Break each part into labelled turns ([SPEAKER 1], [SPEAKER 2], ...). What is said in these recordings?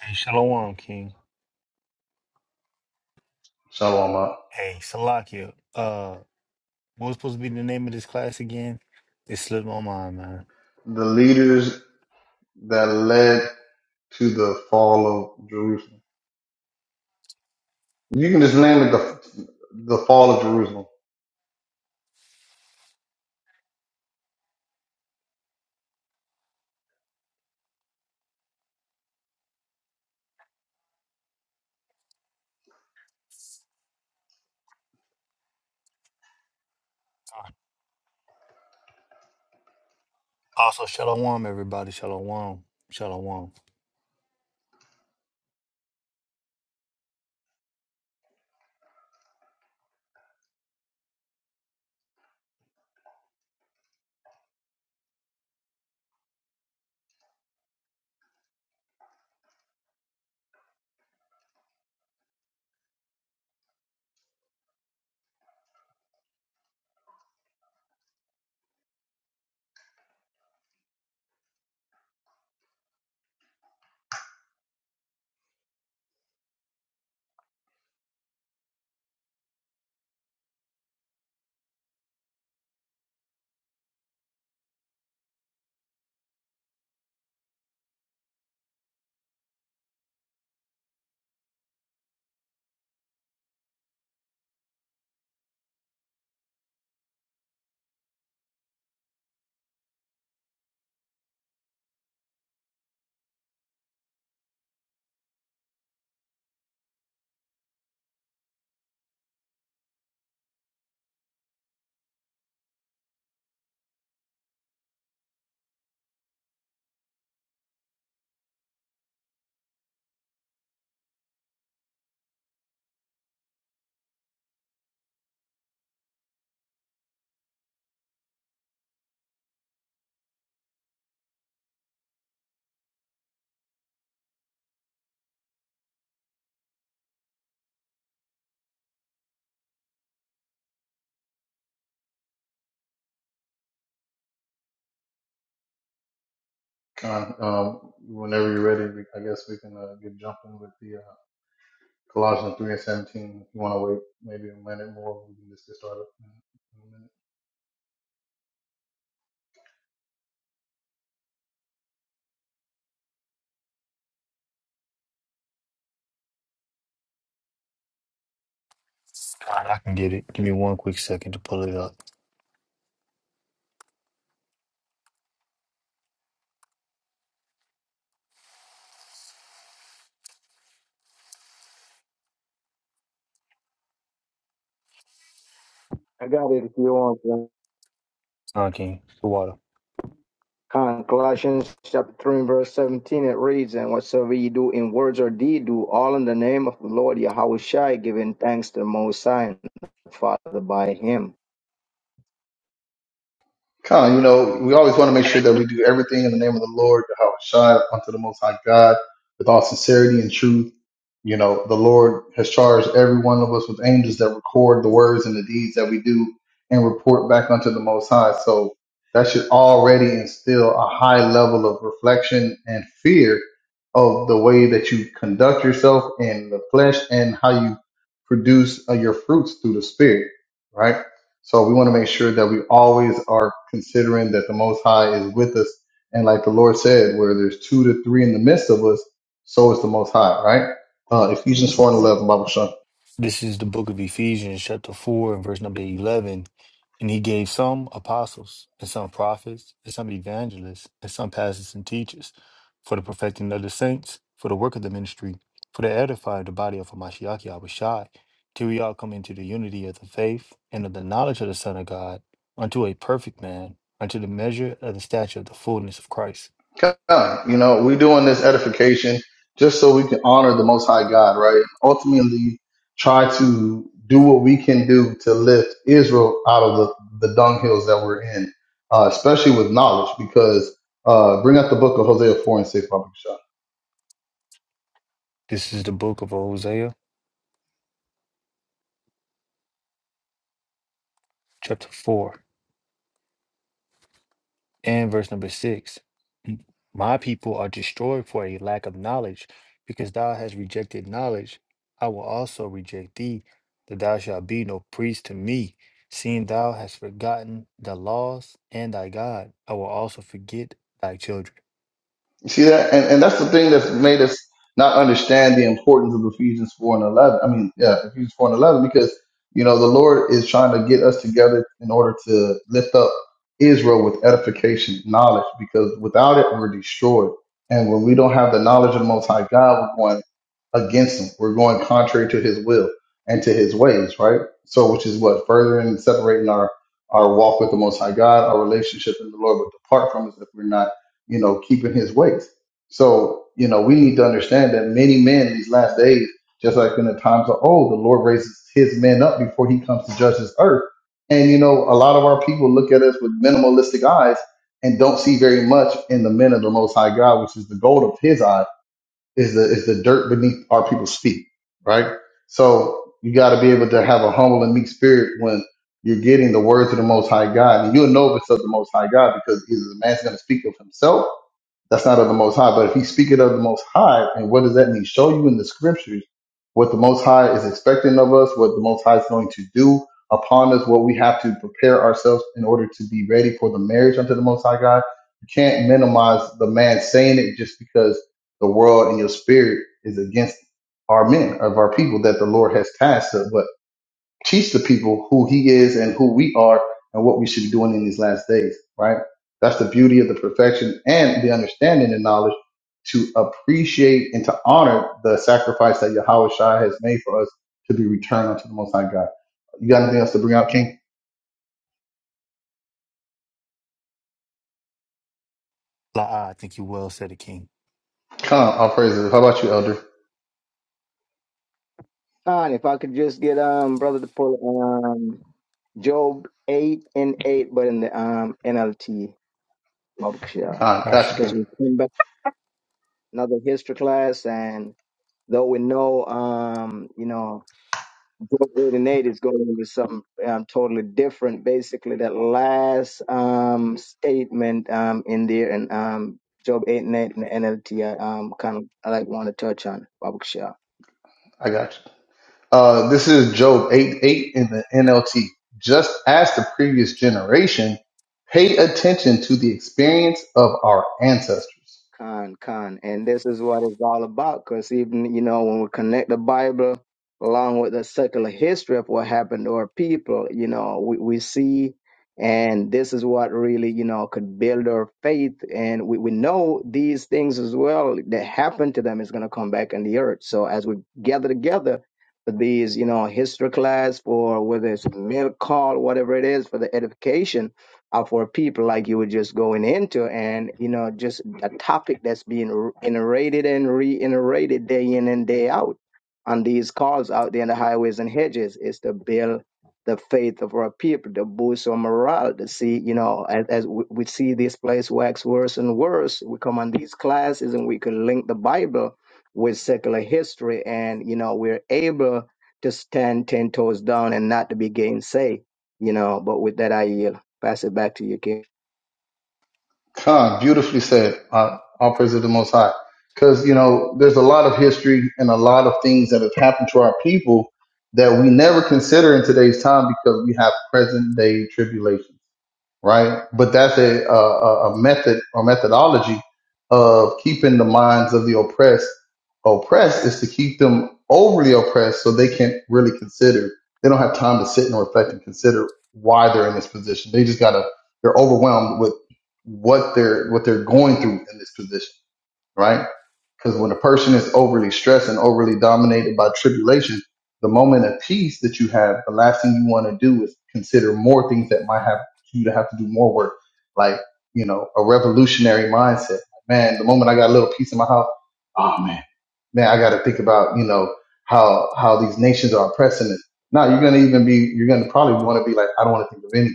[SPEAKER 1] Hey, Shalom, King.
[SPEAKER 2] Shalom
[SPEAKER 1] Hey, Salakia. Uh, what was supposed to be the name of this class again? It slipped my mind, man.
[SPEAKER 2] Uh, The leaders that led to the fall of Jerusalem. You can just name it the the fall of Jerusalem.
[SPEAKER 1] Also, Shalom, everybody. Shalom. Shalom.
[SPEAKER 2] Con, um, whenever you're ready, we- I guess we can uh, get jumping with the uh, Colossians three and seventeen. If you want to wait maybe a minute more, we can just get started.
[SPEAKER 1] God, I can get it. Give me one quick second to pull it up.
[SPEAKER 3] I got it if you want.
[SPEAKER 1] Uh, king. the water.
[SPEAKER 3] Con- Colossians chapter 3 and verse 17, it reads, And whatsoever ye do in words or deed, do all in the name of the Lord Yahweh Shai, giving thanks to the Most High and the Father by him.
[SPEAKER 2] Con, you know, we always want to make sure that we do everything in the name of the Lord, Yahweh Shai, unto the Most High God, with all sincerity and truth. You know, the Lord has charged every one of us with angels that record the words and the deeds that we do and report back unto the Most High. So that should already instill a high level of reflection and fear of the way that you conduct yourself in the flesh and how you produce uh, your fruits through the Spirit, right? So we want to make sure that we always are considering that the Most High is with us. And like the Lord said, where there's two to three in the midst of us, so is the Most High, right? Uh, Ephesians 4 and 11, Bible Sean.
[SPEAKER 1] This is the book of Ephesians, chapter 4, and verse number 11. And he gave some apostles, and some prophets, and some evangelists, and some pastors and teachers for the perfecting of the saints, for the work of the ministry, for the edifying of the body of Hamashiach Yahushai, till we all come into the unity of the faith and of the knowledge of the Son of God, unto a perfect man, unto the measure of the stature of the fullness of Christ.
[SPEAKER 2] You know, we're doing this edification just so we can honor the Most High God, right? Ultimately, try to do what we can do to lift Israel out of the, the dunghills that we're in, uh, especially with knowledge, because uh, bring up the book of Hosea 4 and 6, Bible Shun.
[SPEAKER 1] This is the book of Hosea, chapter 4. And verse number six, my people are destroyed for a lack of knowledge, because thou hast rejected knowledge. I will also reject thee, that thou shalt be no priest to me, seeing thou hast forgotten the laws and thy God. I will also forget thy children.
[SPEAKER 2] You see that? And, and that's the thing that's made us not understand the importance of Ephesians 4 and 11. I mean, yeah, Ephesians 4 and 11, because, you know, the Lord is trying to get us together in order to lift up Israel with edification, knowledge, because without it, we're destroyed. And when we don't have the knowledge of the Most High God, we're going against him. We're going contrary to his will and to his ways, right? So, which is what furthering and separating our our walk with the Most High God, our relationship in the Lord would depart from us if we're not, you know, keeping His ways. So, you know, we need to understand that many men these last days, just like in the times of old, the Lord raises His men up before He comes to judge His earth. And you know, a lot of our people look at us with minimalistic eyes and don't see very much in the men of the Most High God, which is the gold of His eye is the is the dirt beneath our people's feet, right? So you got to be able to have a humble and meek spirit when you're getting the words of the Most High God, and you'll know if it's of the Most High God because either the man's going to speak of himself that's not of the Most High. But if he speaketh of the Most High, and what does that mean? Show you in the Scriptures what the Most High is expecting of us, what the Most High is going to do upon us, what we have to prepare ourselves in order to be ready for the marriage unto the Most High God. You can't minimize the man saying it just because the world and your spirit is against our men of our people that the Lord has tasked us. but teach the people who he is and who we are and what we should be doing in these last days, right? That's the beauty of the perfection and the understanding and knowledge to appreciate and to honor the sacrifice that Yahweh Shai has made for us to be returned unto the Most High God. You got anything else to bring out, King?
[SPEAKER 1] La, I think you well said it, King.
[SPEAKER 2] Khan, I'll praise it. How about you, Elder?
[SPEAKER 3] Con, if I could just get um brother to pull um Job 8 and 8, but in the um NLT Because
[SPEAKER 2] Khan,
[SPEAKER 1] Got
[SPEAKER 2] got you,
[SPEAKER 1] you.
[SPEAKER 2] King.
[SPEAKER 3] we came back another history class and though we know um, you know, Book 88 is going into something um, totally different. Basically, that last um, statement um, in there and um, Job 8 and 8 in the NLT, I um, kind of I like want to touch on, Baruch Shah.
[SPEAKER 2] I got you. Uh, this is Job 8 8 in the NLT. Just as the previous generation, pay attention to the experience of our ancestors
[SPEAKER 3] Con, con. And this is what it's all about. Because even, you know, when we connect the Bible along with the secular history of what happened to our people, you know, we, we see, and this is what really, you know, could build our faith. And we, we know these things as well that happened to them is going to come back in the earth. So as we gather together for these, you know, history class, for whether it's a milk call, whatever it is, for the edification uh, for people like you were just going into and you know just a topic that's being r- iterated and reiterated day in and day out on these calls out there in the highways and hedges is to build the faith of our people to boost our morale to see you know as, as we, we see this place wax worse and worse we come on these classes and we can link the bible with secular history and you know we're able to stand ten toes down and not to be gainsay, you know but with that i yield Pass it back to you, King.
[SPEAKER 2] Khan, beautifully said. Uh, all praise to the Most High. Because, you know, there's a lot of history and a lot of things that have happened to our people that we never consider in today's time because we have present day tribulation right? But that's a, a, a method or methodology of keeping the minds of the oppressed oppressed is to keep them overly oppressed so they can't really consider. They don't have time to sit and reflect and consider why they're in this position. They just gotta, they're overwhelmed with what they're, what they're going through in this position, right? Because when a person is overly stressed and overly dominated by tribulation, the moment of peace that you have, the last thing you want to do is consider more things that might have you to have to do more work. Like, you know, a revolutionary mindset. Man, the moment I got a little peace in my house, oh man, man, I got to think about, you know, how, how these nations are oppressing us. Now you're going to even be, you're going to probably want to be like, I don't want to think of anything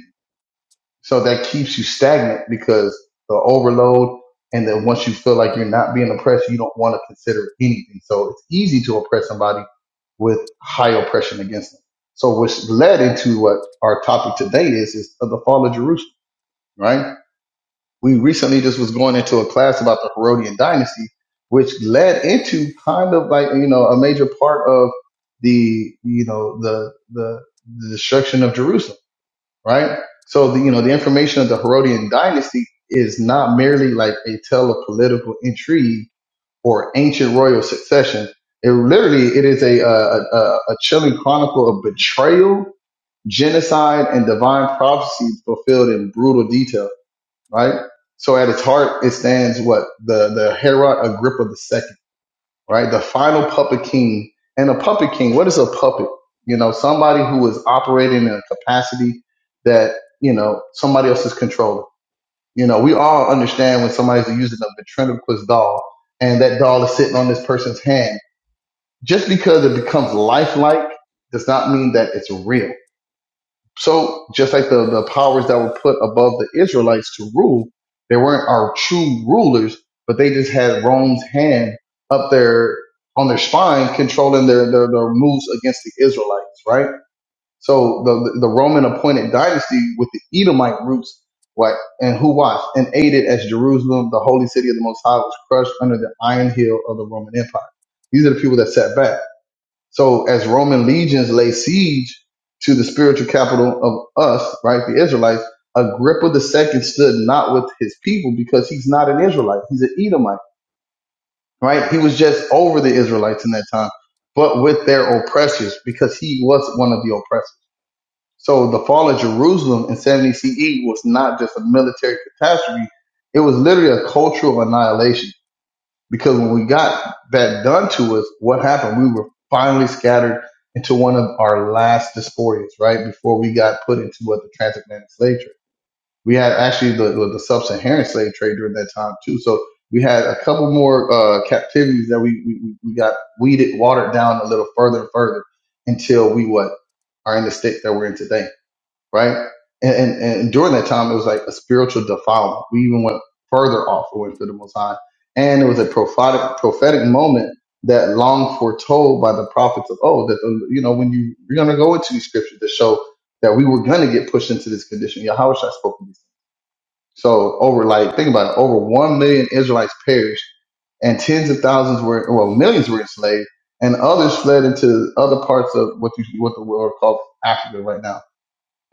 [SPEAKER 2] so that keeps you stagnant because the overload and then once you feel like you're not being oppressed, you don't want to consider anything. So it's easy to oppress somebody with high oppression against them. So which led into what our topic today is, is of the fall of Jerusalem, right? We recently just was going into a class about the Herodian dynasty, which led into kind of like, you know, a major part of the, you know, the, the, the destruction of Jerusalem right? So the you know the information of the Herodian dynasty is not merely like a tale of political intrigue or ancient royal succession. It literally it is a uh, a, a, a chilling chronicle of betrayal, genocide, and divine prophecy fulfilled in brutal detail, right? So at its heart, it stands what the the Herod Agrippa II right? The final puppet king. And a puppet king, what is a puppet? You know, somebody who is operating in a capacity that, you know, somebody else is controlling. You know, we all understand when somebody's using a ventriloquist doll and that doll is sitting on this person's hand. Just because it becomes lifelike does not mean that it's real so just like the, the powers that were put above the Israelites to rule, they weren't our true rulers, but they just had Rome's hand up their on their spine, controlling their, their, their moves against the Israelites, right? So the the Roman appointed dynasty with the Edomite roots, what and who watched and aided as Jerusalem, the holy city of the Most High, was crushed under the iron heel of the Roman Empire. These are the people that sat back. So as Roman legions lay siege to the spiritual capital of us, right, the Israelites, Agrippa the second stood not with his people because he's not an Israelite. He's an Edomite, right? He was just over the Israelites in that time, but with their oppressors because he was one of the oppressors. So the fall of Jerusalem in 70 CE was not just a military catastrophe. It was literally a cultural annihilation because when we got that done to us, what happened? We were finally scattered into one of our last diasporas, right? Before we got put into what the transatlantic slave trade. We had actually the, the, the sub-Saharan slave trade during that time too. So we had a couple more uh, captivities that we, we we got weeded, watered down a little further and further until we what are in the state that we're in today right? And, and, and during that time, it was like a spiritual defilement. We even went further off away to the Most High. And it was a prophetic, prophetic moment that long foretold by the prophets of old that, the, you know, when you, you're going to go into these scriptures to show that we were going to get pushed into this condition. Yahweh Shai spoke of these. So over like, think about it, over 1 million Israelites perished and tens of thousands were, well, millions were enslaved and others fled into other parts of what you, what the world calls Africa right now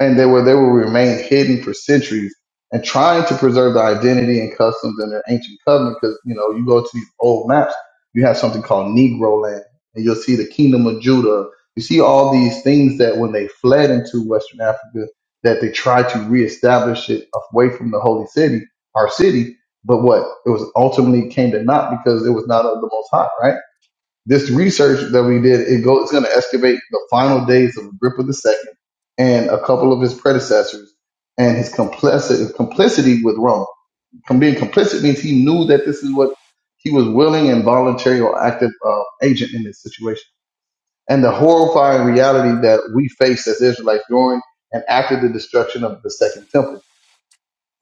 [SPEAKER 2] and they were they will remain hidden for centuries and trying to preserve the identity and customs in their ancient covenant because you know you go to these old maps you have something called negro land and you'll see the kingdom of judah you see all these things that when they fled into western africa that they tried to reestablish it away from the holy city our city but what it was ultimately came to naught because it was not of the most high right this research that we did, it go, it's going to excavate the final days of Agrippa the Second and a couple of his predecessors and his complicity, complicity with Rome. Com- Being complicit means he knew that this is what he was willing and voluntary or active uh, agent in this situation. And the horrifying reality that we face as Israelites during and after the destruction of the Second Temple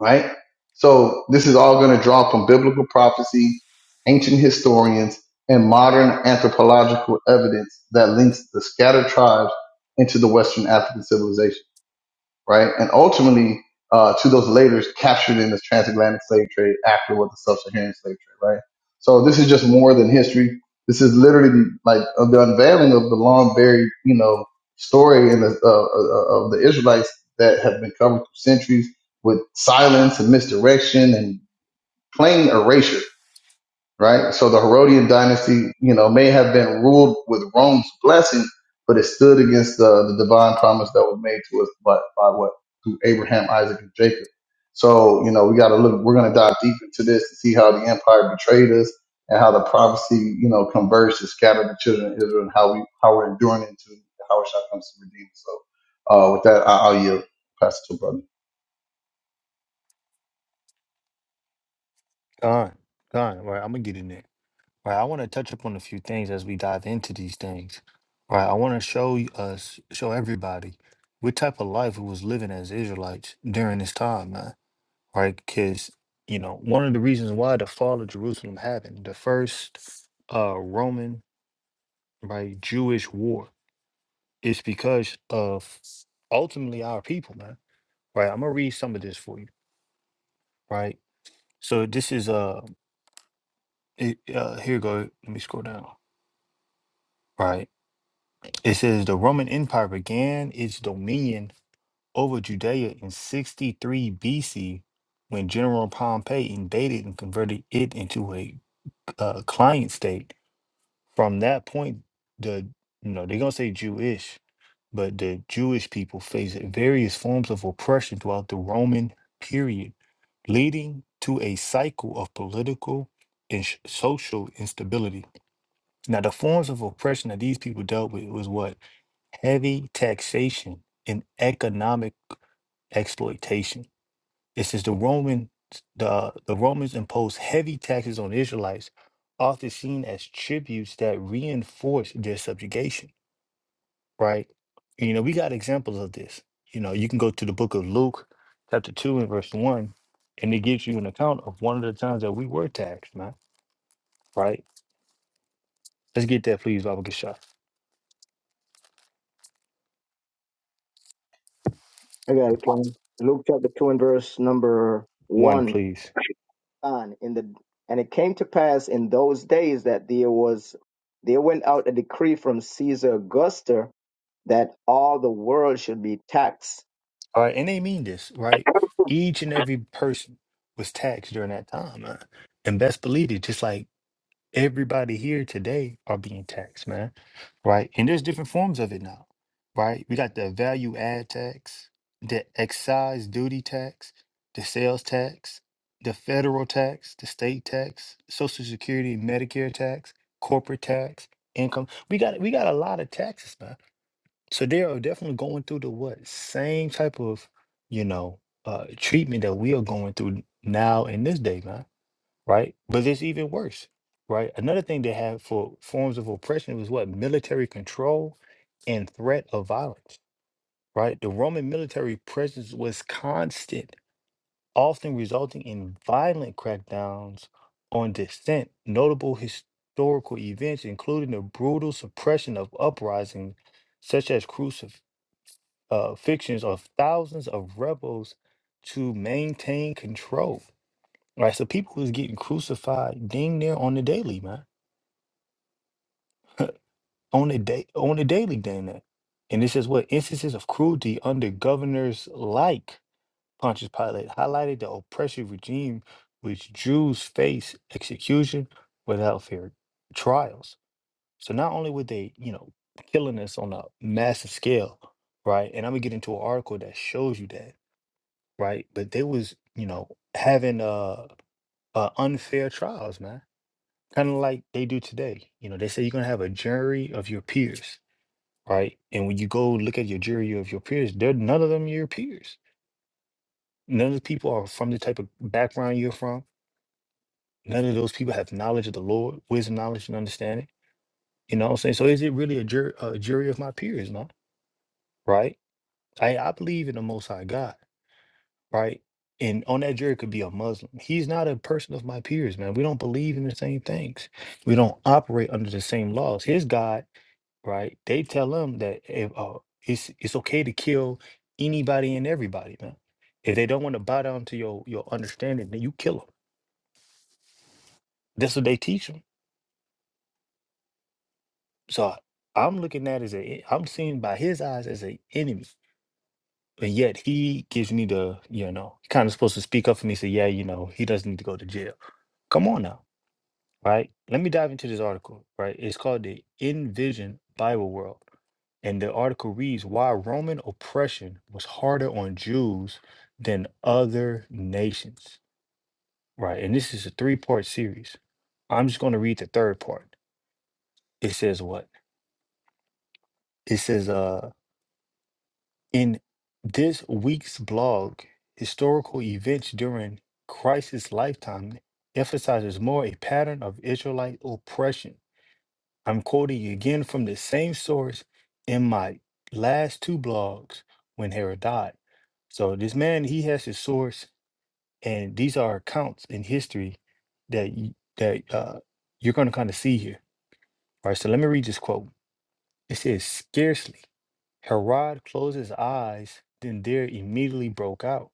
[SPEAKER 2] right? So this is all going to draw from biblical prophecy, ancient historians, and modern anthropological evidence that links the scattered tribes into the Western African civilization right? And ultimately, uh, to those laborers captured in the transatlantic slave trade after what the sub-Saharan slave trade, right? So this is just more than history. This is literally the, like of the unveiling of the long buried, you know, story in the, uh, uh, of the Israelites that have been covered for centuries with silence and misdirection and plain erasure right? So the Herodian dynasty, you know, may have been ruled with Rome's blessing, but it stood against the, the divine promise that was made to us by, by what through Abraham, Isaac, and Jacob. So you know, we got to look. We're going to dive deep into this to see how the empire betrayed us and how the prophecy, you know, converged to scatter the children of Israel and how we how we're enduring into how it shall come to redeem. So uh, with that, I, I'll yield. Pass it to brother.
[SPEAKER 1] Gone. Gone. Right. I'm going to get in there. Right, I want to touch upon a few things as we dive into these things. Right, I want to show y- us, show everybody, what type of life we was living as Israelites during this time, man. Right, because you know one of the reasons why the fall of Jerusalem happened, the first uh Roman right Jewish war, is because of ultimately our people, man. Right, I'm gonna read some of this for you. Right, so this is uh, it, uh here you go. Let me scroll down. Right It says the Roman Empire began its dominion over Judea in 63 BC when General Pompey invaded and converted it into a uh, client state. From that point, the you know they're gonna say Jewish, but the Jewish people faced various forms of oppression throughout the Roman period, leading to a cycle of political and sh- social instability. Now, the forms of oppression that these people dealt with was what heavy taxation and economic exploitation. It says the Roman the the Romans imposed heavy taxes on Israelites, often seen as tributes that reinforced their subjugation. Right? You know, we got examples of this. You know, you can go to the book of Luke, chapter two and verse one, and it gives you an account of one of the times that we were taxed, man. Right? Let's get that, please, Baba Gesha.
[SPEAKER 3] I got it, King. Luke chapter 2 and verse number
[SPEAKER 1] One,
[SPEAKER 3] 1.
[SPEAKER 1] please.
[SPEAKER 3] On in the and it came to pass in those days that there was there went out a decree from Caesar Augustus that all the world should be taxed.
[SPEAKER 1] All right, and they mean this, right? Each and every person was taxed during that time, man. And best believe it, just like everybody here today are being taxed, man. Right? And there's different forms of it now, right? We got the value add tax, the excise duty tax, the sales tax, the federal tax, the state tax, social security, and Medicare tax, corporate tax, income. We got we got a lot of taxes, man. So they are definitely going through the what same type of, you know, uh treatment that we are going through now in this day, man. Right? But it's even worse, right? Another thing they have for forms of oppression was what military control and threat of violence, right? The Roman military presence was constant, often resulting in violent crackdowns on dissent. Notable historical events including the brutal suppression of uprisings such as crucifixions uh, fictions of thousands of rebels to maintain control. Right, so people was getting crucified dang near on the daily, man, on the day, on the daily, damn that. And this is what instances of cruelty under governors like Pontius Pilate highlighted the oppressive regime which Jews face execution without fair trials. So not only were they, you know, killing us on a massive scale, right? And I'm gonna get into an article that shows you that right? But they was, you know, having uh, uh unfair trials, man. Kind of like they do today. You know, they say you're gonna have a jury of your peers, right? And when you go look at your jury of your peers, they're none of them your peers. None of the people are from the type of background you're from. None of those people have knowledge of the Lord, wisdom, knowledge, and understanding. You know what I'm saying? So is it really a jury, a jury of my peers, man? Right? I, I believe in the Most High God. right? And on that jury could be a Muslim. He's not a person of my peers, man. We don't believe in the same things. We don't operate under the same laws. His God, right? They tell him that if, uh, it's it's okay to kill anybody and everybody, man. If they don't want to bow down to your your understanding, then you kill them. That's what they teach them. So I'm looking at it as a I'm seen by his eyes as an enemy. And yet he gives me the, you know, kind of supposed to speak up for me, say, yeah, you know, he doesn't need to go to jail. Come on now right? Let me dive into this article, right? It's called the Envision Bible World. And the article reads Why Roman oppression was harder on Jews than other nations, right? And this is a three part series. I'm just going to read the third part. It says what? It says, uh, in this week's blog, historical events during Christ's lifetime emphasizes more a pattern of Israelite oppression I'm quoting you again from the same source in my last two blogs when Hera died. So this man, he has his source, and these are accounts in history that y- that uh, you're going to kind of see here. All right, so let me read this quote. It says, "Scarcely Herod closed his eyes, then there immediately broke out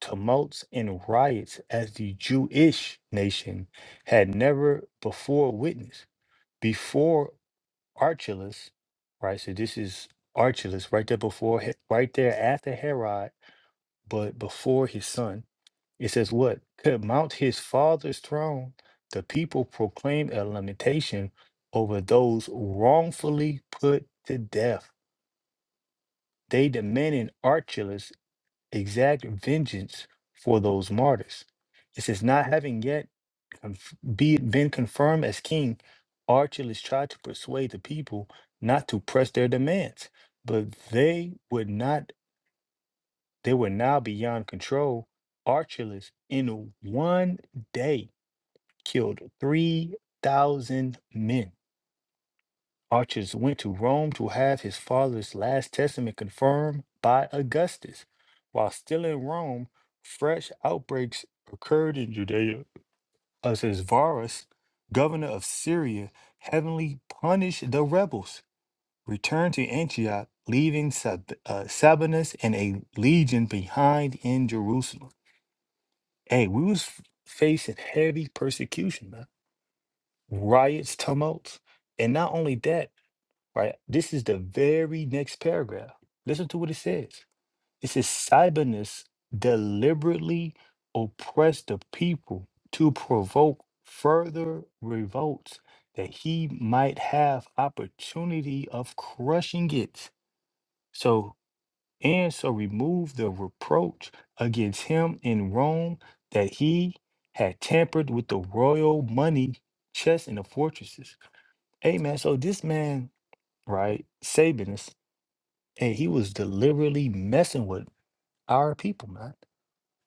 [SPEAKER 1] tumults and riots as the Jewish nation had never before witnessed. Before Archelaus, right? So this is Archelaus right there before, He- right there after Herod, but before his son. It says, What? Could mount his father's throne. The people proclaimed a lamentation over those wrongfully put to death. They demanded Archelaus exact vengeance for those martyrs. It says, Not having yet conf- be been confirmed as king, Archelaus tried to persuade the people not to press their demands, but they would not. They were now beyond control. Archelaus, in one day, killed three thousand men. Archelaus went to Rome to have his father's last testament confirmed by Augustus. While still in Rome, fresh outbreaks occurred in Judea us as Varus, governor of Syria, heavenly punished the rebels, returned to Antioch, leaving Sab- uh, Sabinus and a legion behind in Jerusalem. Hey, we was f- facing heavy persecution, man. Riots, tumults. And not only that, right? This is the very next paragraph. Listen to what it says. It says Cybernus deliberately oppressed the people to provoke further revolts that he might have opportunity of crushing it. So and so remove the reproach against him in Rome that he had tampered with the royal money chests in the fortresses. Amen. so this man, right, Sabinus, and he was deliberately messing with our people, man.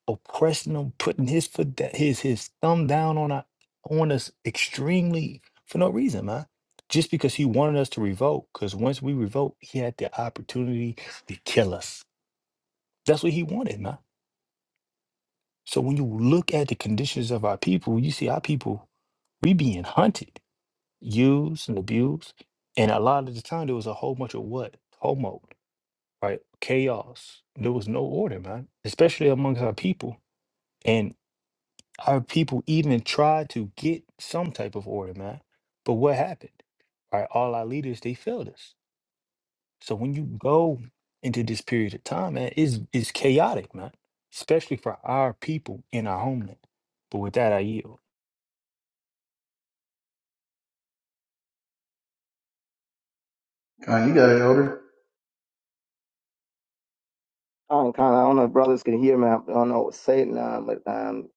[SPEAKER 1] oppressing them, putting his foot da- his his thumb down on our, on us extremely for no reason, man. Just because he wanted us to revolt, because once we revolt, he had the opportunity to kill us. That's what he wanted, man. So when you look at the conditions of our people, you see our people, we being hunted, used and abused. And a lot of the time there was a whole bunch of what? Homo, right? Chaos. There was no order, man. Especially amongst our people. Our people even tried to get some type of order, man. But what happened? Right, all our leaders they failed us. So when you go into this period of time, man, is is chaotic, man. Especially for our people in our homeland. But with that, I yield.
[SPEAKER 2] Con, you got it, elder.
[SPEAKER 3] Oh, kind of, I don't know if brothers can hear me. I don't know what's saying. um, but um,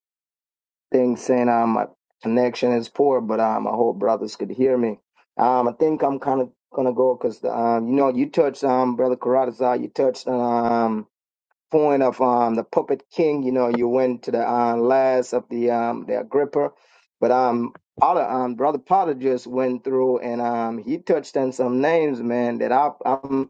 [SPEAKER 3] things saying um, my connection is poor, but um, I hope brothers could hear me. Um, I think I'm kind of gonna go because um, you know, you touched um, brother Karadazar, you touched on um point of um, the puppet king. You know, you went to the uh, last of the um, the Agrippa, but um, Potter, um, brother Potter just went through and um, he touched on some names, man. That I, I'm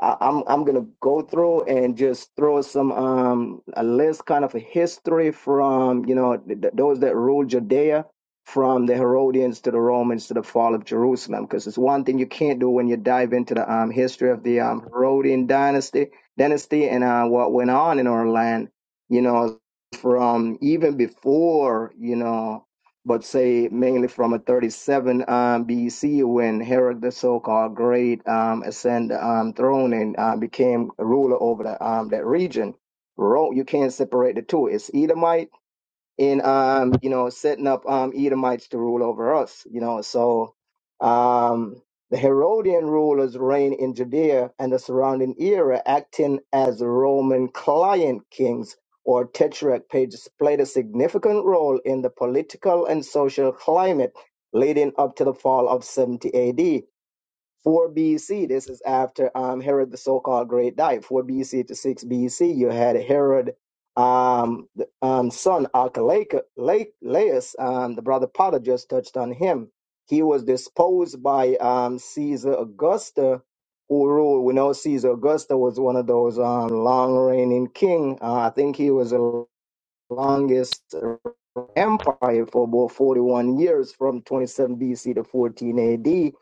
[SPEAKER 3] I, I'm I'm gonna go through and just throw some um a list kind of a history from you know th- th- those that ruled Judea from the Herodians to the Romans to the fall of Jerusalem because it's one thing you can't do when you dive into the um history of the um Herodian dynasty dynasty and uh, what went on in our land you know from even before you know but say mainly from a 37 um, BC when Herod the so-called great um, ascended um, throne and uh, became a ruler over the, um, that region. Rome, you can't separate the two. It's Edomite in um, you know, setting up um Edomites to rule over us, you know. So um the Herodian rulers reigned in Judea and the surrounding era, acting as Roman client kings or tetrarch pages played a significant role in the political and social climate leading up to the fall of 70 AD. 4 BC, this is after um, Herod the so called Great died. 4 BC to 6 BC, you had Herod, um, the, um, son Archelaus, um, the brother Potter just touched on him. He was disposed by um, Caesar Augusta, who ruled. We know Caesar Augusta was one of those um, long reigning king. Uh, I think he was the longest empire for about 41 years from 27 BC to 14 AD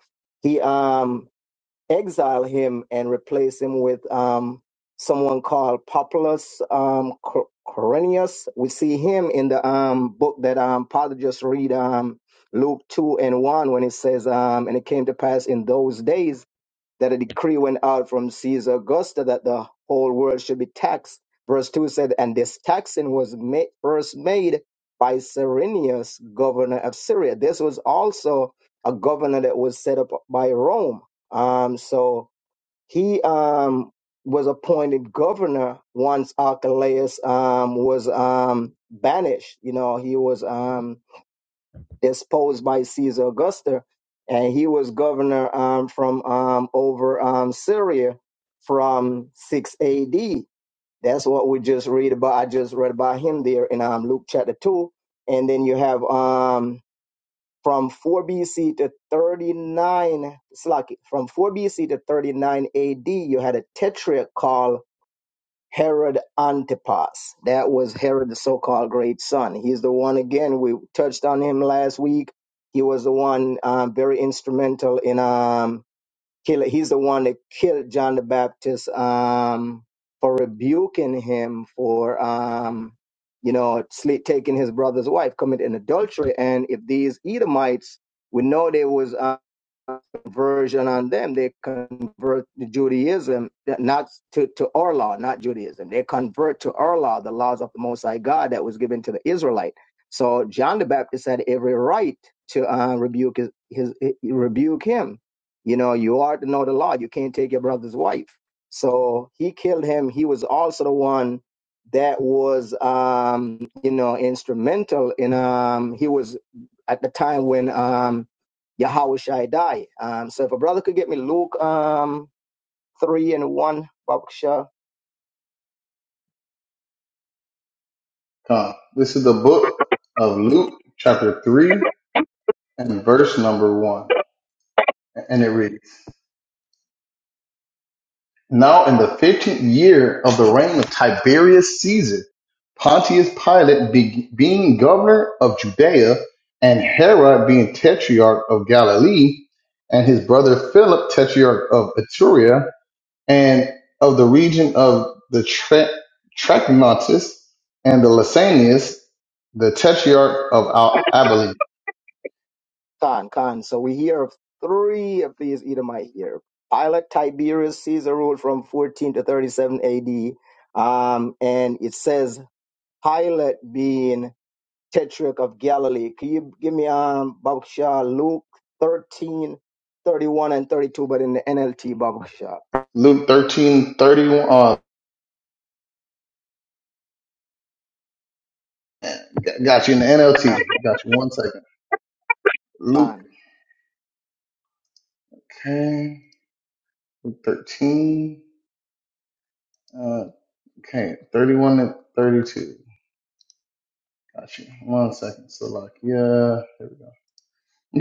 [SPEAKER 3] he um exile him and replace him with um, someone called Populus um, Cor- Cornelius. We see him in the um, book that um, Father just read, um, Luke 2 and 1, when it says, um, And it came to pass in those days that a decree went out from Caesar Augusta that the whole world should be taxed. Verse 2 said, And this taxing was made, first made by Cyrenius, governor of Syria. This was also a governor that was set up by Rome. Um, so he um, was appointed governor once Archelaus um, was um, banished. You know, he was. Um, deposed by Caesar Augustus, and he was governor um, from um, over um, Syria from 6 A.D. That's what we just read about. I just read about him there in um, Luke chapter two, and then you have um, from 4 B.C. to 39 Slaki. From 4 B.C. to 39 A.D. You had a tetrarch called Herod Antipas. That was Herod, the so called great son. He's the one, again, we touched on him last week. He was the one um, very instrumental in um, killing, he's the one that killed John the Baptist um, for rebuking him for, um, you know, sli- taking his brother's wife, committing adultery. And if these Edomites, we know there was. uh, conversion on them. They convert to Judaism, not to, to our law, not Judaism. They convert to our law, the laws of the Most High God that was given to the Israelite. So John the Baptist had every right to uh, rebuke his, his rebuke him. You know, you are to know the law. You can't take your brother's wife. So he killed him. He was also the one that was, um, you know, instrumental in. Um, he was at the time when um, Yahweh Shaddai. Um, so if a brother could get me Luke um, 3 and 1, Baksha
[SPEAKER 2] Con. This is the book of Luke, chapter three and verse number one. And it reads, Now in the 15th year of the reign of Tiberius Caesar, Pontius Pilate be- being governor of Judea, and Herod being tetrarch of Galilee, and his brother Philip, tetrarch of Etruria, and of the region of the Tre- Trachonitis, and the Lysanias, the tetrarch of Al- Abilene.
[SPEAKER 3] Khan, Khan. So we hear of three of these Edomite here. Pilate, Tiberius, Caesar ruled from 14 to 37 AD. Um, and it says Pilate being Tetrarch of Galilee. Can you give me um, Baksha Luke 13 31 and 32, but in the NLT, Baksha
[SPEAKER 2] Luke thirteen thirty one. Got you in the NLT. Got you one second. Luke,
[SPEAKER 3] Khan?
[SPEAKER 2] okay. Luke 13. Uh, okay, 31 and 32. Got you. One second. So, like, yeah, there we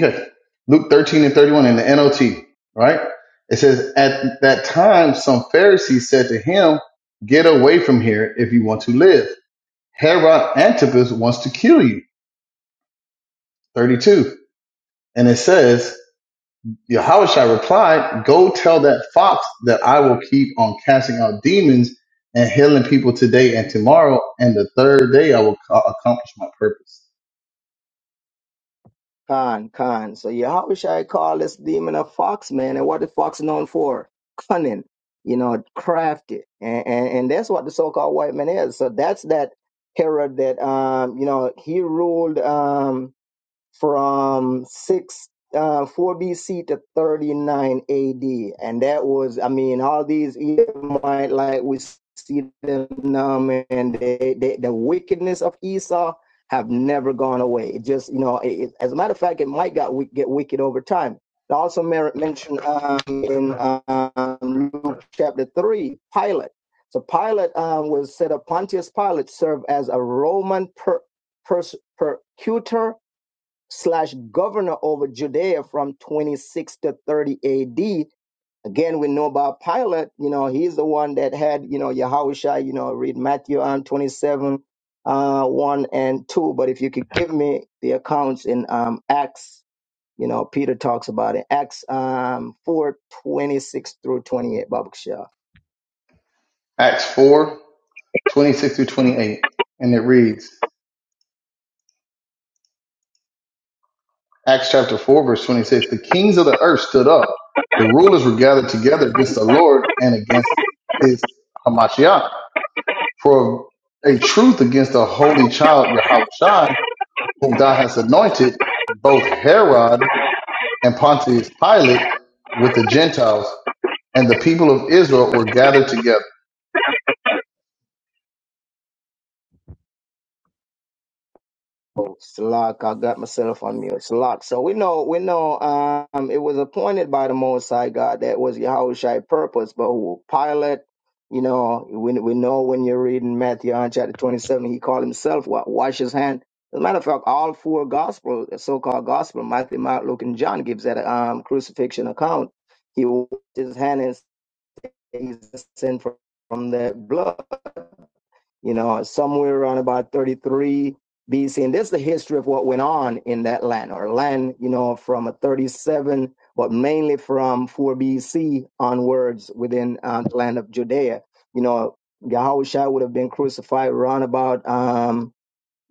[SPEAKER 2] go. Okay. Luke 13 and 31 in the NLT, right? It says, At that time, some Pharisees said to him, Get away from here if you want to live. Herod Antipas wants to kill you. 32. And it says, Yahushua replied, Go tell that fox that I will keep on casting out demons and healing people today and tomorrow, and the third day I will co- accomplish my purpose.
[SPEAKER 3] Con, con. So Yahweh I call this demon a fox, man. And what the fox known for? Cunning, you know, crafty. And, and and that's what the so-called white man is. So that's that Herod that um, you know, he ruled um from six uh, four BC to thirty nine AD, and that was I mean all these Edomite like we see them numb and they, they, the wickedness of Esau have never gone away. It just you know it, it- as a matter of fact it might got wi- get wicked over time. I also mer- mentioned um, in um, Luke chapter three Pilate. So Pilate um, was said of Pontius Pilate served as a Roman per, pers- persecutor slash governor over Judea from 26 to 30 AD. Again, we know about Pilate, you know, he's the one that had, you know, Yahusha, you know, read Matthew on 27, uh, 1 and 2. But if you could give me the accounts in um, Acts, you know, Peter talks about it, Acts um, 4, twenty-six through 28, Baba Kashaw.
[SPEAKER 2] Acts 4 26 through 28. And it reads, Acts chapter 4, verse 26 The kings of the earth stood up, the rulers were gathered together against the Lord and against his Hamashiach. For a truth against the holy child Yahushua, whom thou hast anointed, both Herod and Pontius Pilate with the Gentiles, and the people of Israel were gathered together.
[SPEAKER 3] It's Salak, I got myself on mute. Salak. So we know, we know, um, it was appointed by the Most High God that was Yahushua's purpose, but who Pilate, you know, we, we know when you're reading Matthew on chapter 27, he called himself what? Wash his hand. As a matter of fact, all four gospels, the so-called gospel, Matthew, Mark, Luke, and John gives that um, crucifixion account. He washed his hand and he's sent from, from the blood you know, somewhere around about 33 BC. And that's the history of what went on in that land, or land, you know, from a 37, but mainly from 4 BC onwards within uh, the land of Judea. You know, Yahushua would have been crucified around about um,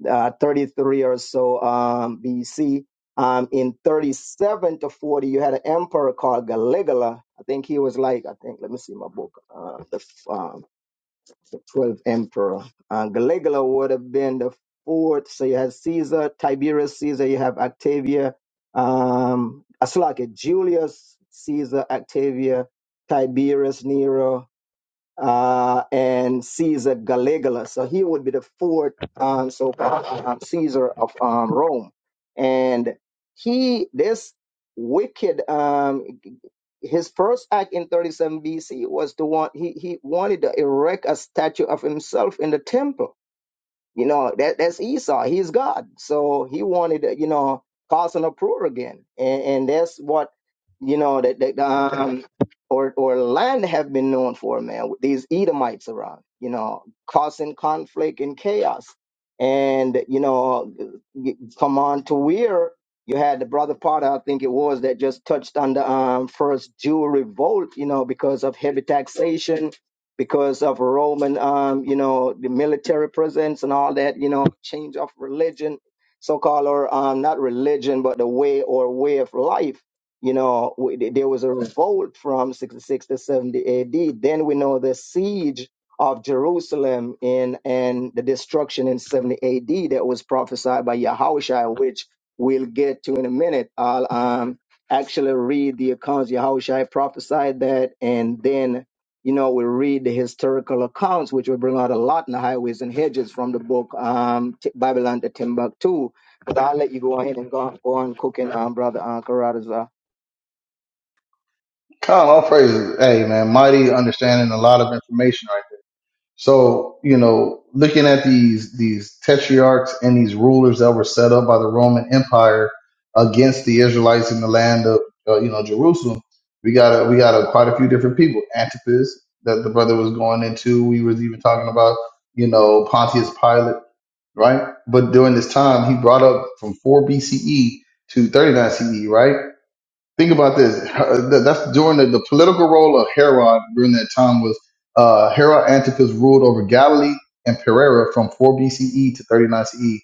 [SPEAKER 3] uh, 33 or so um, BC. Um, in 37 to 40, you had an emperor called Caligula. I think he was like, I think, let me see my book, uh, the, um, the 12th emperor. Uh, Caligula would have been the fourth. So you have Caesar, Tiberius Caesar, you have Octavia, um, Aslaki, Julius Caesar, Octavia, Tiberius Nero, uh, and Caesar Caligula. So he would be the fourth um, so-called um, Caesar of um, Rome. And he, this wicked, um, his first act in 37 BC was to want he he wanted to erect a statue of himself in the temple you know, that that's Esau. He's God. So he wanted, uh, you know, causing uproar again. And and that's what, you know, that, that um or or land have been known for, man, with these Edomites around, you know, causing conflict and chaos. And, you know, y- come on to where you had the brother Potter, I think it was, that just touched on the um, first Jew revolt, you know, because of heavy taxation because of Roman, um, you know, the military presence and all that, you know, change of religion, so-called, or um, not religion, but the way or way of life. You know, w- th- there was a revolt from 66 to 70 AD. Then we know the siege of Jerusalem in and the destruction in 70 AD that was prophesied by Yahushua, which we'll get to in a minute. I'll um, actually read the accounts. Yahushua prophesied that, and then you know, we read the historical accounts, which we bring out a lot in the highways and hedges from the book um, T- Babylon to Timbuktu. But I'll let you go ahead and go, go on cooking, um, brother uh, Carruthers. Uh,
[SPEAKER 2] Come, all praises. Hey, man, mighty understanding, a lot of information right there. So, you know, looking at these these tetrarchs and these rulers that were set up by the Roman Empire against the Israelites in the land of uh, you know Jerusalem, we got a, we got a, quite a few different people. Antipas that the brother was going into, we was even talking about, you know, Pontius Pilate right? But during this time, he brought up from 4 BCE to 39 CE, right? think about this. Her- That's during the, the political role of Herod during that time was uh, Herod Antipas ruled over Galilee and Perea from 4 BCE to 39 CE,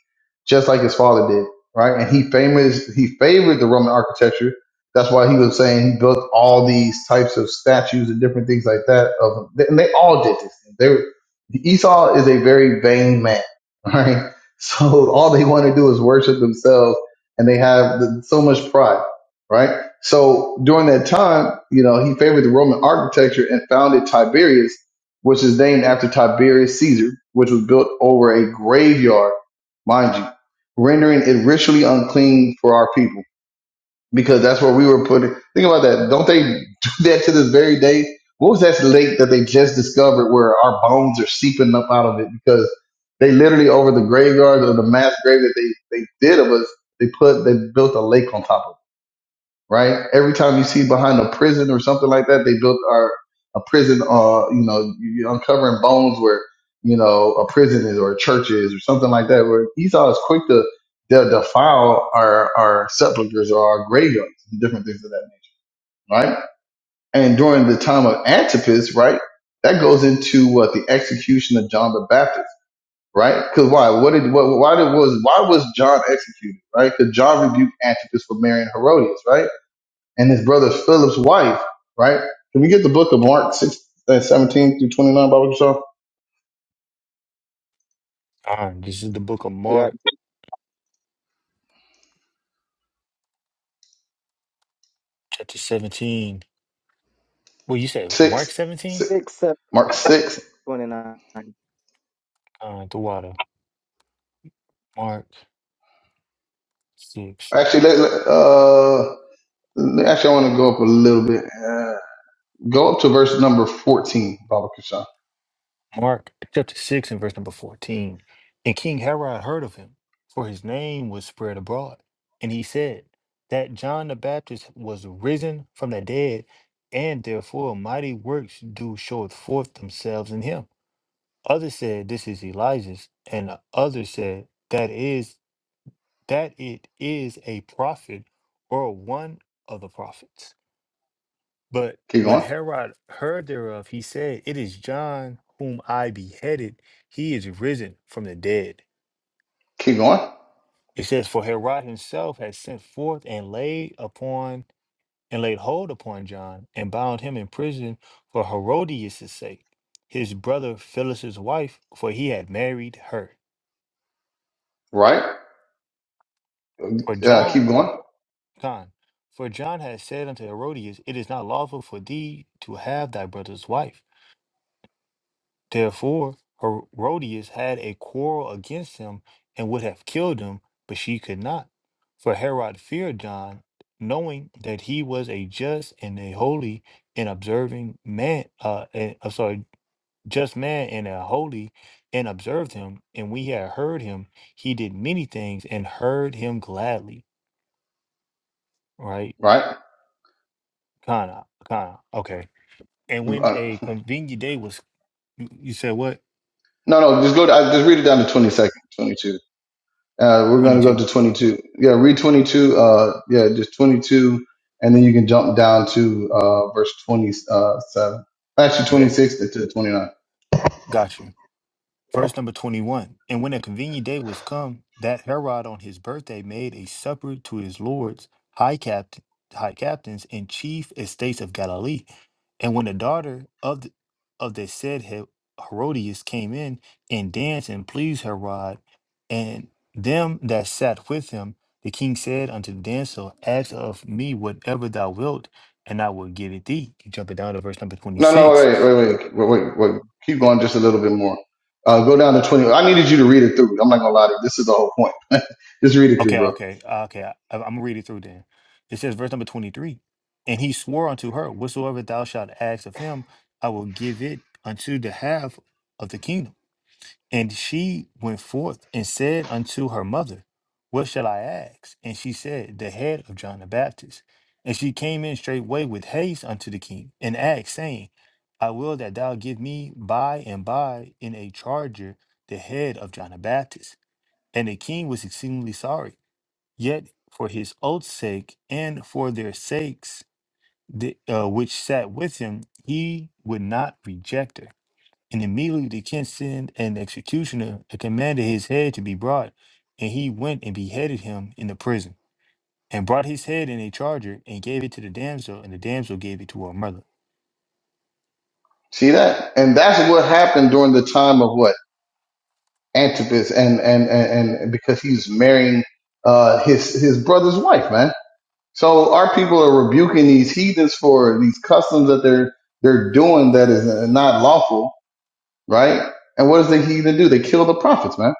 [SPEAKER 2] just like his father did, right? And he famous he favored the Roman architecture. That's why he was saying he built all these types of statues and different things like that. Of and they all did this. They were, Esau is a very vain man, right? So all they want to do is worship themselves, and they have the, so much pride right? So during that time, you know, he favored the Roman architecture and founded Tiberius, which is named after Tiberius Caesar, which was built over a graveyard, mind you, rendering it ritually unclean for our people because that's where we were putting. Think about that. Don't they do that to this very day? What was that lake that they just discovered where our bones are seeping up out of it because they literally over the graveyard or the mass grave that they, they did of us, they put, they built a lake on top of right? Every time you see behind a prison or something like that, they built our a prison. Uh, you know, you- are uncovering bones where you know a prison is or a church is or something like that. Where Esau is quick to they defile our our sepulchers or our graveyards and different things of that nature, right? And during the time of Antipas, right, that goes into what the execution of John the Baptist. Right, because why? What did what? Why did was why was John executed? Right, because John rebuked Antipas for marrying Herodias. Right, and his brother Philip's wife, right? Can we get the book of Mark 6, uh, 17 through 29, Bible Shaw?
[SPEAKER 1] Uh, this is the book of
[SPEAKER 3] I got
[SPEAKER 1] Mark, chapter seventeen. Well, you said Mark
[SPEAKER 2] 6,
[SPEAKER 1] seventeen.
[SPEAKER 2] 6,
[SPEAKER 3] six, seven,
[SPEAKER 2] Mark 6.
[SPEAKER 3] twenty-nine.
[SPEAKER 1] Uh, the water, Mark six.
[SPEAKER 2] Actually, let, let- uh, actually, I want to go up a little bit. Uh, go up to verse number 14, Bible Kishan.
[SPEAKER 1] Mark chapter 6 and verse number 14. And King Herod heard of him, for his name was spread abroad. And he said that John the Baptist was risen from the dead, and therefore mighty works do showeth forth themselves in him. Others said, This is Elijah's, and others said, That is that it is a prophet or one of the prophets. But
[SPEAKER 2] Keep
[SPEAKER 1] when
[SPEAKER 2] going.
[SPEAKER 1] Herod heard thereof, he said, It is John whom I beheaded. He is risen from the dead.
[SPEAKER 2] Keep going.
[SPEAKER 1] It says, For Herod himself had sent forth and laid upon and laid hold upon John and bound him in prison for Herodias' sake, his brother Phyllis's wife, for he had married her.
[SPEAKER 2] Right?
[SPEAKER 1] For
[SPEAKER 2] Uh, keep
[SPEAKER 1] John,
[SPEAKER 2] going.
[SPEAKER 1] John, for John had said unto Herodias, It is not lawful for thee to have thy brother's wife. Therefore, Herodias had a quarrel against him and would have killed him, but she could not. For Herod feared John, knowing that he was a just and a holy and observing man, uh, and, I'm sorry, just man and a holy, and observed him. And we had heard him, he did many things and heard him gladly. Right?
[SPEAKER 2] Right?
[SPEAKER 1] Kinda, kinda. Okay. And when
[SPEAKER 2] Uh,
[SPEAKER 1] a convenient day was, you you said what?
[SPEAKER 2] no, no, just go, to, uh, just read it down to 22nd, 22. Uh, we're going to go
[SPEAKER 1] 22.
[SPEAKER 2] to 22. Yeah, read 22. Uh, yeah, just 22. And then you can jump down to uh, verse 27. Actually,
[SPEAKER 1] Okay.
[SPEAKER 2] 26 to to 29.
[SPEAKER 1] Gotcha. Verse number 21 And when a convenient day was come, that Herod on his birthday made a supper to his lords, high, capt- high captains, and chief estates of Galilee. And when the daughter of the, of the said He- Herodias came in and danced and pleased Herod and them that sat with him, the king said unto the damsel, Ask of me whatever thou wilt, and I will give it thee. Jumping down to verse number
[SPEAKER 2] No, no,
[SPEAKER 1] 26.
[SPEAKER 2] wait, wait, wait, wait, wait. wait. Keep going just a little bit more. Uh, go down to 20. I needed you to read it through. I'm not going to lie to you. This is the whole point. just read it through,
[SPEAKER 1] Okay,
[SPEAKER 2] bro.
[SPEAKER 1] okay, uh, okay. I, I'm gonna read it through then. It says, verse number 23 And he swore unto her, Whatsoever thou shalt ask of him, I will give it unto the half of the kingdom. And she went forth and said unto her mother, What shall I ask? And she said, The head of John the Baptist. And she came in straightway with haste unto the king and asked, saying, I will that thou give me by and by in a charger the head of John the Baptist. And the king was exceedingly sorry Yet for his oath's sake and for their sakes the, uh, which sat with him, he would not reject her. And immediately the king sent an executioner and commanded his head to be brought. And he went and beheaded him in the prison, and brought his head in a charger, and gave it to the damsel, and the damsel gave it to her mother.
[SPEAKER 2] See that? And that's what happened during the time of what? Antipas and, and, and, and because he's marrying, uh, his, his brother's wife, man So our people are rebuking these heathens for these customs that they're they're doing that is uh, not lawful, right? And what does the heathen do? They kill the prophets, man.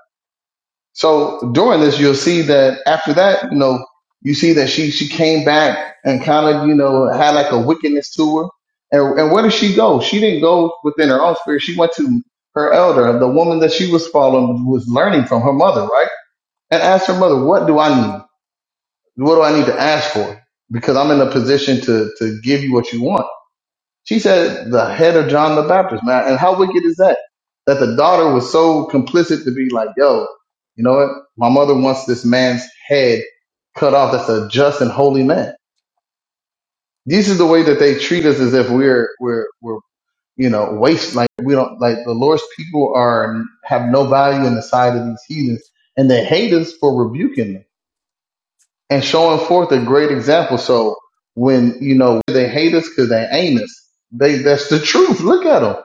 [SPEAKER 2] So during this, you'll see that after that, you know, you see that she she came back and kind of you know had like a wickedness to her. And and where did she go? She didn't go within her own spirit. She went to her elder, the woman that she was following was learning from her mother, right? And asked her mother, "What do I need?" What do I need to ask for? Because I'm in a position to, to give you what you want. She said, the head of John the Baptist, man. And how wicked is that? That the daughter was so complicit to be like, yo, you know what? My mother wants this man's head cut off. That's a just and holy man. This is the way that they treat us as if we're, we're, we're, you know, waste. Like we don't, like the Lord's people are, have no value in the sight of these heathens and they hate us for rebuking them and showing forth a great example. So when you know they hate us because they ain't us, they that's the truth. Look at them.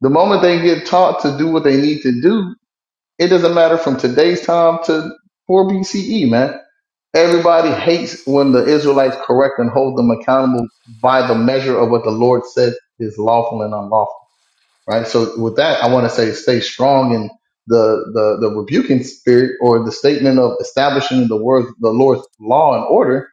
[SPEAKER 2] The moment they get taught to do what they need to do, it doesn't matter from today's time to 4 BCE, man. Everybody hates when the Israelites correct and hold them accountable by the measure of what the Lord said is lawful and unlawful right? So with that, I want to say stay strong in the, the, the rebuking spirit or the statement of establishing the word, the Lord's law and order,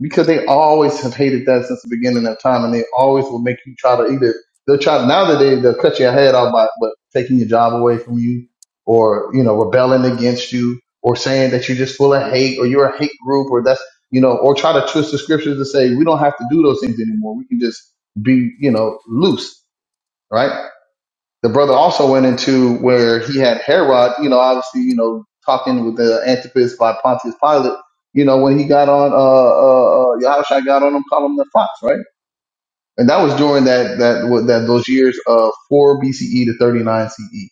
[SPEAKER 2] because they always have hated that since the beginning of time. And they always will make you try to either, they'll try, now that they, they'll cut your head off by but taking your job away from you or, you know, rebelling against you or saying that you're just full of hate or you're a hate group or that's, you know, or try to twist the scriptures to say we don't have to do those things anymore. We can just be, you know, loose, right? the brother also went into where he had Herod, you know, obviously, you know, talking with the Antipas by Pontius Pilate, you know, when he got on, uh, uh, uh Yahushua got on him, call him the fox, right? And that was during that, that, what- that, those years of 4 BCE to 39 CE.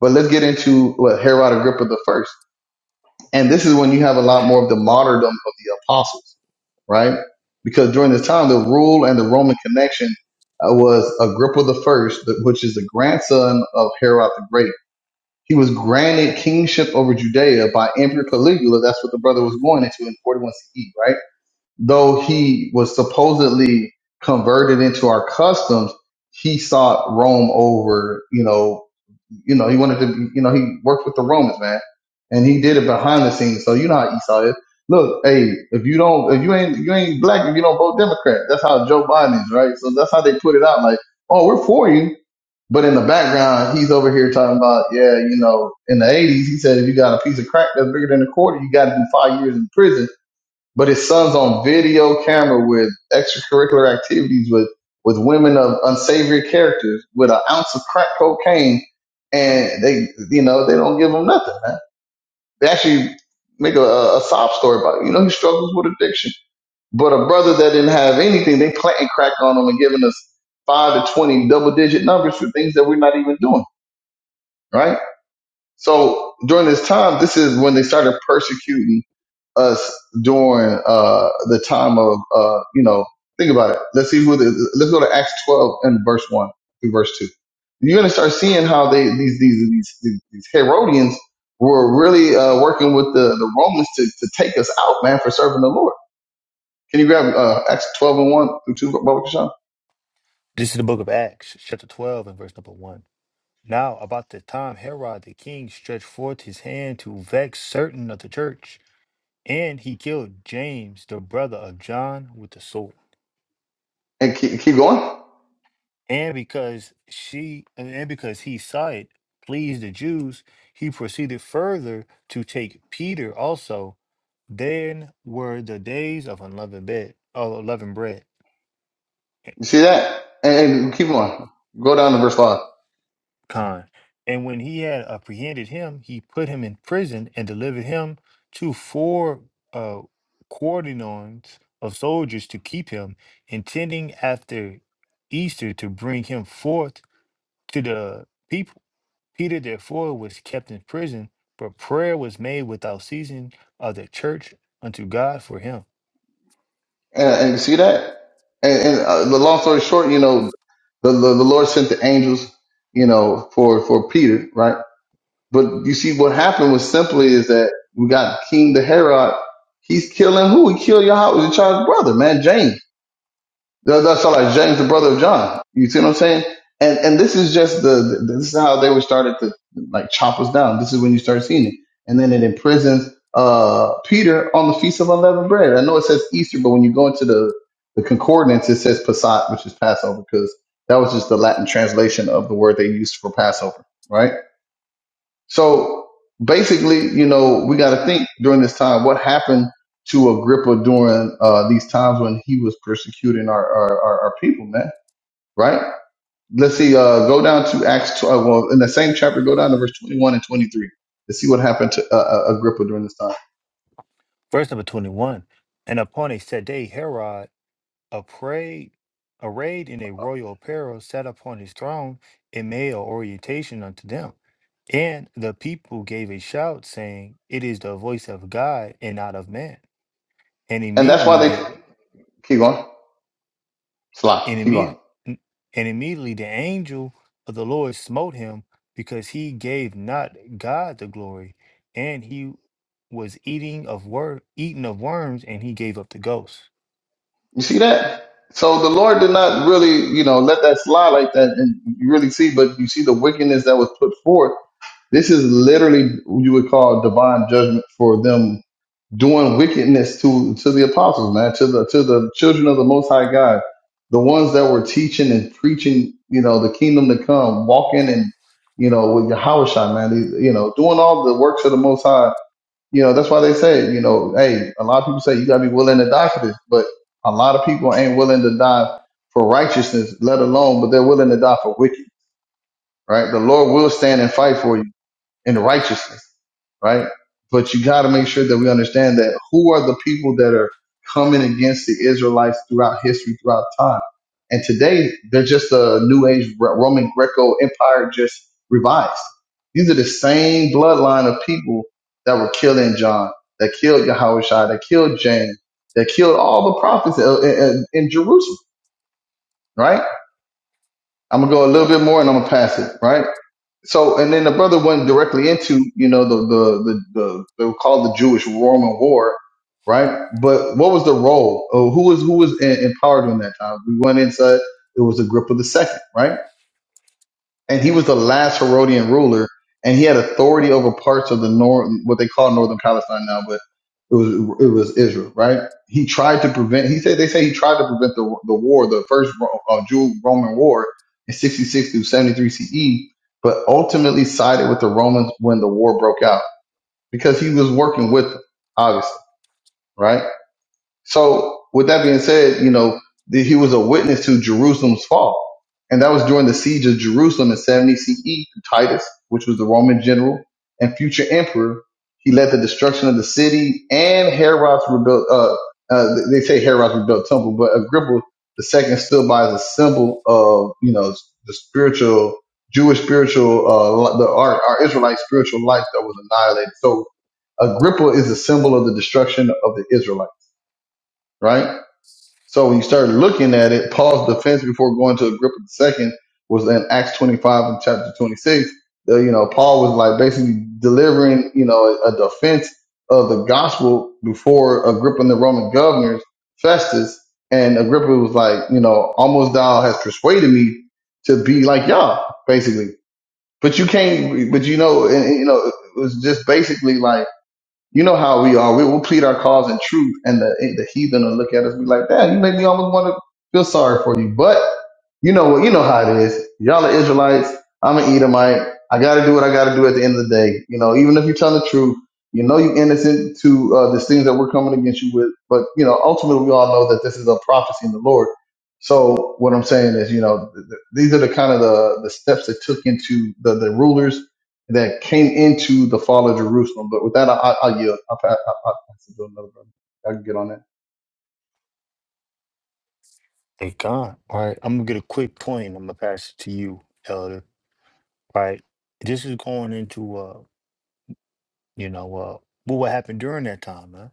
[SPEAKER 2] But let's get into what Herod Agrippa the first. And this is when you have a lot more of the martyrdom of the apostles, right? Because during this time, the rule and the Roman connection uh, was Agrippa the first, which is the grandson of Herod the Great he was granted kingship over Judea by Emperor Caligula. That's what the brother was going into in 41 CE, right? Though he was supposedly converted into our customs, he sought Rome over, you know, you know, he wanted to, be- you know, he worked with the Romans, man, and he did it behind the scenes. So you know how Esau is. Look, hey, if you don't, if you ain't, you ain't black, if you don't vote Democrat, that's how Joe Biden is, right? So that's how they put it out. Like, oh, we're for you, but in the background, he's over here talking about, yeah, you know, in the 80s, he said if you got a piece of crack that's bigger than a quarter, you got to do five years in prison. But his son's on video camera with extracurricular activities with, with women of unsavory characters with an ounce of crack cocaine. And they, you know, they don't give him nothing, man. They actually make a, a sob story about it. You know, he struggles with addiction. But a brother that didn't have anything, they planting crack on him and giving us five to 20 double digit numbers for things that we're not even doing right? So during this time, this is when they started persecuting us during uh, the time of, uh, you know, think about it. Let's see who. The, let's go to Acts 12 and verse one through verse two. You're going to start seeing how they these these these these, these Herodians were really uh, working with the, the Romans to, to take us out, man, for serving the Lord. Can you grab uh, Acts 12 and one through two, Barbara Sean?
[SPEAKER 1] This is the book of Acts, chapter 12, and verse number 1. Now, about the time Herod the king stretched forth his hand to vex certain of the church And he killed James, the brother of John, with the sword.
[SPEAKER 2] and keep keep going?
[SPEAKER 1] And because she and because he saw it pleased the Jews, he proceeded further to take Peter also. Then were the days of unleavened bread, of unleavened bread.
[SPEAKER 2] You see that? And, and keep going. Go down to verse five.
[SPEAKER 1] Khan. And when he had apprehended him, he put him in prison and delivered him to four uh, quaternions of soldiers to keep him, intending after Easter to bring him forth to the people. Peter, therefore, was kept in prison, but prayer was made without ceasing of the church unto God for him.
[SPEAKER 2] And, and you see that? And, and uh, the long story short, you know, the, the, the Lord sent the angels, you know, for, for Peter, right? But you see what happened was simply is that we got King the Herod. He's killing who? He killed Yahweh, his child's brother, man, James. That- That's all like James, the brother of John. You see what I'm saying? And and this is just the the- this is how they were started to like chop us down. This is when you start seeing it. And then it imprisons uh Peter on the feast of unleavened bread. I know it says Easter, but when you go into the the concordance, it says Passat, which is Passover, because that was just the Latin translation of the word they used for Passover, right? So basically, you know, we got to think during this time what happened to Agrippa during uh, these times when he was persecuting our our, our, our people, man. Right? Let's see. Uh, go down to Acts. 12, well, in the same chapter, go down to verse twenty-one and twenty-three to see what happened to uh, uh, Agrippa during this time,
[SPEAKER 1] Verse number 21. And upon a set day, Herod Arrayed, arrayed in a royal apparel, sat upon his throne in male orientation unto them. And the people gave a shout, saying, It is the voice of God and not of man. And
[SPEAKER 2] and that's
[SPEAKER 1] immediately
[SPEAKER 2] why they
[SPEAKER 1] the
[SPEAKER 2] keep going. Slide.
[SPEAKER 1] and
[SPEAKER 2] Keep
[SPEAKER 1] immediately,
[SPEAKER 2] going.
[SPEAKER 1] and immediately the angel of the Lord smote him, because he gave not God the glory, and he was eating of wor- eaten of worms, and he gave up the ghost.
[SPEAKER 2] You see that? So the Lord did not really, you know, let that slide like that, and you really see. But you see the wickedness that was put forth This is literally what you would call divine judgment for them doing wickedness to to the apostles, man, to the to the children of the Most High God, the ones that were teaching and preaching, you know, the kingdom to come, walking and you know with Yahusha, man, these, you know, doing all the works of the Most High. You know, that's why they say, you know, hey, a lot of people say you gotta be willing to die for this, but a lot of people ain't willing to die for righteousness, let alone, but they're willing to die for wicked, right? The Lord will stand and fight for you in righteousness right? But you got to make sure that we understand that who are the people that are coming against the Israelites throughout history, throughout time. And today, they're just a new age Roman Greco empire just revised. These are the same bloodline of people that were killing John, that killed Yahushua, that killed James, that killed all the prophets uh, in, in in Jerusalem, right? I'm going to go a little bit more and I'm going to pass it, right? So, and then the brother went directly into, you know, the, the, the, the, they were called the Jewish Roman War, right? But what was the role? Oh, who was, who was in, in power during that time? We went inside, it was Agrippa the second, right? and he was the last Herodian ruler, and he had authority over parts of the north, what they call northern Palestine now, but it was it was Israel, right? He tried to prevent. He said they say he tried to prevent the the war, the first Ro- uh, Jew Roman war in 66 through 73 CE, but ultimately sided with the Romans when the war broke out because he was working with them, obviously, right? So with that being said, you know, the, he was a witness to Jerusalem's fall. And that was during the siege of Jerusalem in 70 CE through Titus, which was the Roman general and future emperor. He led the destruction of the city and Herod's rebuilt, uh, uh, they say Herod's rebuilt temple, but Agrippa the second stood by as a symbol of, you know, the spiritual, Jewish spiritual, uh, the, our, our Israelite spiritual life that was annihilated. So Agrippa is a symbol of the destruction of the Israelites, right? So when you start looking at it, Paul's defense before going to Agrippa the second was in Acts 25 and chapter 26. The, you know, Paul was like basically delivering, you know, a, a defense of the gospel before Agrippa and the Roman governors, Festus. And Agrippa was like, you know, almost thou has persuaded me to be like y'all, basically. But you can't, but you know, and, and, you know, it was just basically like, you know how we are. We will plead our cause in truth, and the the heathen will look at us and be like, "Damn, you make me almost want to feel sorry for you." But you know what? You know how it is. Y'all are Israelites. I'm an Edomite. I got to do what I got to do at the end of the day. You know, even if you're telling the truth, you know you're innocent to uh, these things that we're coming against you with. But you know, ultimately, we all know that this is a prophecy in the Lord. So what I'm saying is, you know, th- th- these are the kind of the, the steps that took into the, the rulers that came into the fall of Jerusalem. But with that, I, I, I'll yield. I'll, pa- I'll, I'll pass it to another brother. I can get on that.
[SPEAKER 1] They gone. All right. I'm gonna get a quick point. I'm gonna pass it to you, Elder. right? This is going into uh, you know, uh, what what happened during that time, man,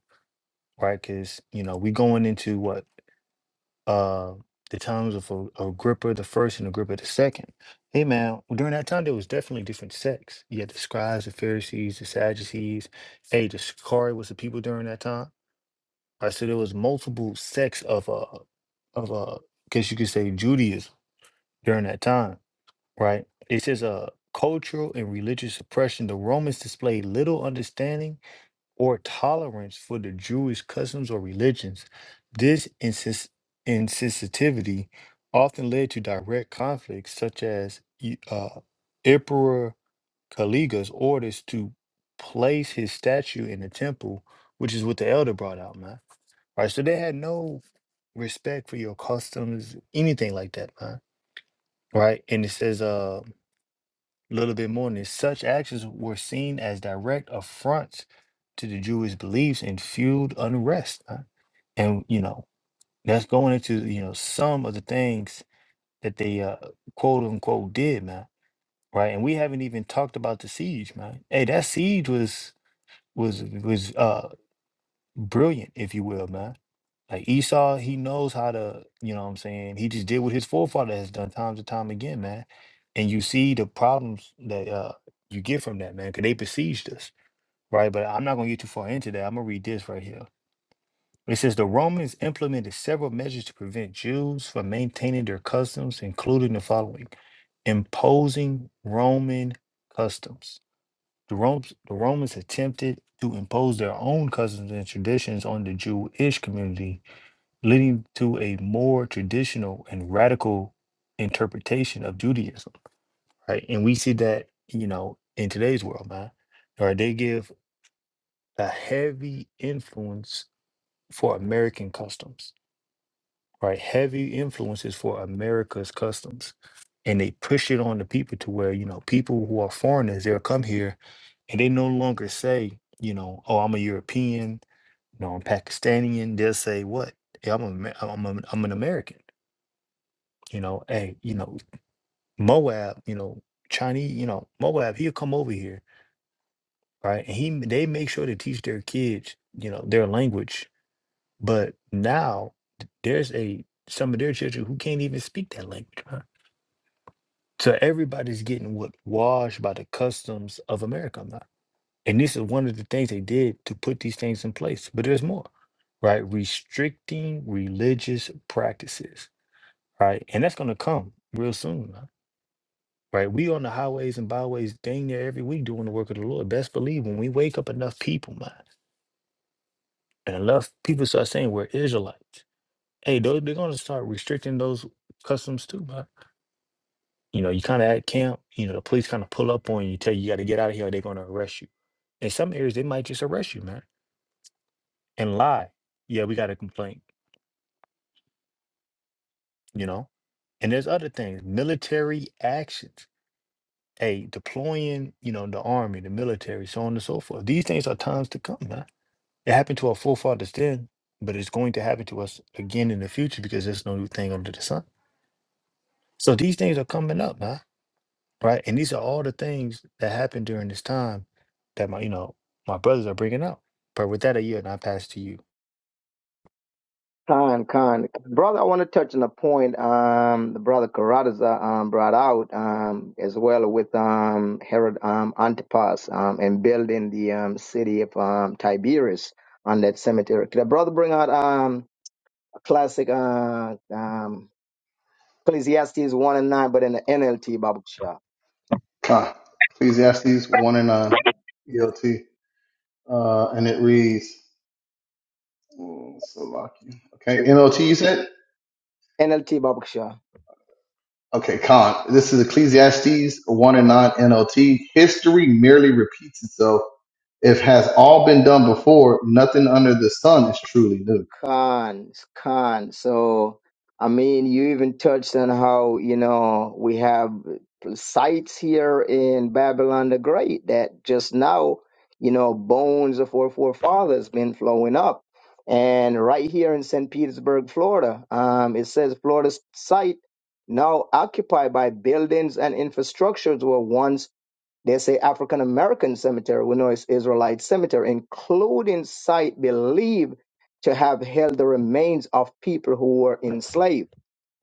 [SPEAKER 1] right? Because you know, we going into what uh the times of A- Agrippa the first and Agrippa the second. Hey, man, well, during that time there was definitely different sects. You had the scribes, the Pharisees, the Sadducees. Hey, the Shikari was the people during that time, right? So there was multiple sects of uh of uh, guess you could say Judaism during that time right? It says uh, cultural and religious oppression. The Romans displayed little understanding or tolerance for the Jewish customs or religions. This insis- insensitivity often led to direct conflicts, such as E- uh, Emperor Caligula's orders to place his statue in the temple, which is what the elder brought out, man. Right, so they had no respect for your customs, anything like that, man. Right, and it says, uh, a little bit more than this. Such actions were seen as direct affronts to the Jewish beliefs and fueled unrest. huh? And, you know, that's going into, you know, some of the things that they uh, quote unquote did, man. Right. And we haven't even talked about the siege, man. Hey, that siege was was was uh brilliant, if you will, man like Esau, he knows how to, you know what I'm saying? He just did what his forefather has done times and time again, man. And you see the problems that uh you get from that, man, because they besieged us, right? But I'm not gonna get too far into that. I'm gonna read this right here. It says the Romans implemented several measures to prevent Jews from maintaining their customs, including the following imposing Roman customs. The Romans, the Romans attempted to impose their own customs and traditions on the Jewish community leading to a more traditional and radical interpretation of Judaism, right? And we see that, you know, in today's world, man, right? They give a heavy influence for American customs, right? Heavy influences for America's customs. And they push it on the people to where, you know, people who are foreigners, they'll come here and they no longer say, you know, oh, I'm a European, you know, I'm Pakistani. They'll say, what? Hey, I'm, a, I'm, a, I'm an American you know, hey, you know, Moab, you know, Chinese, you know, Moab, he'll come over here, right? And he they make sure to teach their kids, you know, their language. But now th- there's a some of their children who can't even speak that language. Huh? So everybody's getting what washed by the customs of America man. And this is one of the things they did to put these things in place. But there's more, right? Restricting religious practices, right? And that's gonna come real soon. huh? Right, we on the highways and byways, dang there every week doing the work of the Lord. Best believe when we wake up enough people, man, and enough people start saying we're Israelites, hey, those, they're gonna start restricting those customs too, man. You know, you kind of at camp, you know, the police kind of pull up on you, tell you you got to get out of here, or they're gonna arrest you. In some areas, they might just arrest you, man, and lie. Yeah, we got a complaint, you know. And there's other things, military actions, hey, deploying, you know, the army, the military, so on and so forth. These things are times to come, man It happened to our forefathers then, but it's going to happen to us again in the future because there's no new thing under the sun. So these things are coming up, man. Right. And these are all the things that happened during this time that my, you know, my brothers are bringing up. But with that, a year, and I pass to you.
[SPEAKER 3] Con, con, brother. I want to touch on a point um, the brother Carruthers uh, um, brought out um, as well with um, Herod um, Antipas um, and building the um, city of um, Tiberias on that cemetery. Could the brother bring out? Um, classic uh, um, Ecclesiastes 1 and 9, but in the NLT Babaksha.
[SPEAKER 2] Con. Ecclesiastes 1 and 9, ELT. Uh, and it reads, oh, so lucky. Okay, NLT you said?
[SPEAKER 3] NLT Babaksha.
[SPEAKER 2] Okay, Con. This is Ecclesiastes 1 and 9 NLT. History merely repeats itself. If has all been done before, nothing under the sun is truly new.
[SPEAKER 3] Khan, Khan. So, I mean, you even touched on how, you know, we have sites here in Babylon the Great that just now, you know, bones of our forefathers been flowing up. And right here in St. Petersburg, Florida, um, it says Florida's site now occupied by buildings and infrastructures were once There's a African American cemetery we know it's Israelite cemetery, including site believed to have held the remains of people who were enslaved.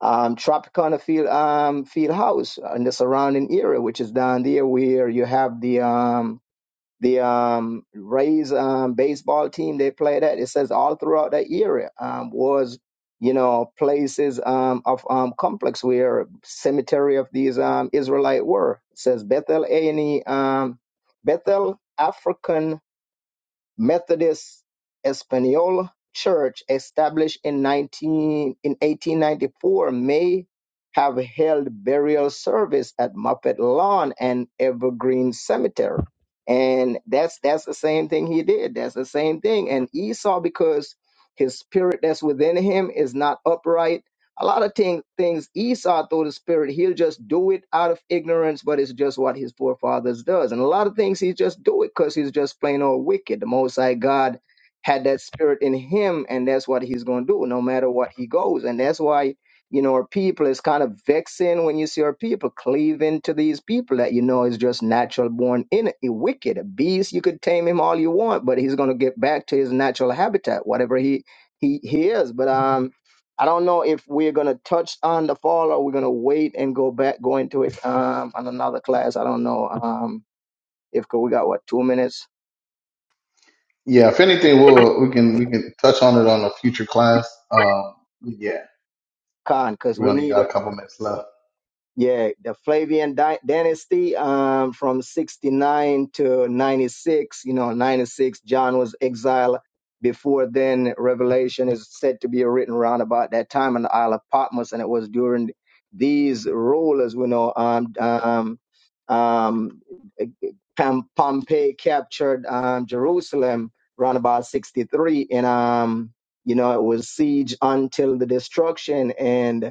[SPEAKER 3] Um, Tropicana Field um, Field House and the surrounding area, which is down there where you have the um, the um, Rays um, baseball team they played at. It says all throughout that area um, was, you know, places um, of um, complex where cemetery of these um, Israelite were. It says Bethel A and E, um, Bethel African Methodist Espanola Church, established in 19, in 1894, may have held burial service at Muppet Lawn and Evergreen Cemetery. And that's that's the same thing he did. That's the same thing. And Esau, because his spirit that's within him is not upright, a lot of thing, things Esau, through the spirit, he'll just do it out of ignorance, but it's just what his forefathers does. And a lot of things he just do it because he's just plain old wicked. The Most High God had that spirit in him, and that's what he's going to do no matter what he goes. And that's why, you know, our people is kind of vexing when you see our people cleaving to these people that you know is just natural born in a wicked. A beast, you could tame him all you want, but he's going to get back to his natural habitat, whatever he he, he is. But um I don't know if we're gonna touch on the fall or we're gonna wait and go back go into it um on another class. I don't know um if 'cause we got what two minutes,
[SPEAKER 2] Yeah, if anything, we'll we can we can touch on it on a future class. Um, yeah,
[SPEAKER 3] Khan, because
[SPEAKER 2] We
[SPEAKER 3] we
[SPEAKER 2] only
[SPEAKER 3] need
[SPEAKER 2] got a couple minutes left.
[SPEAKER 3] Yeah, the Flavian dy- dynasty um, from 69 to 96. You know, 96, John was exiled. Before then, Revelation is said to be written around about that time on the Isle of Patmos, and it was during these rulers, you know, um, um, um, Pom- Pompey captured um, Jerusalem around about 63, and, um, you know, it was siege until the destruction. And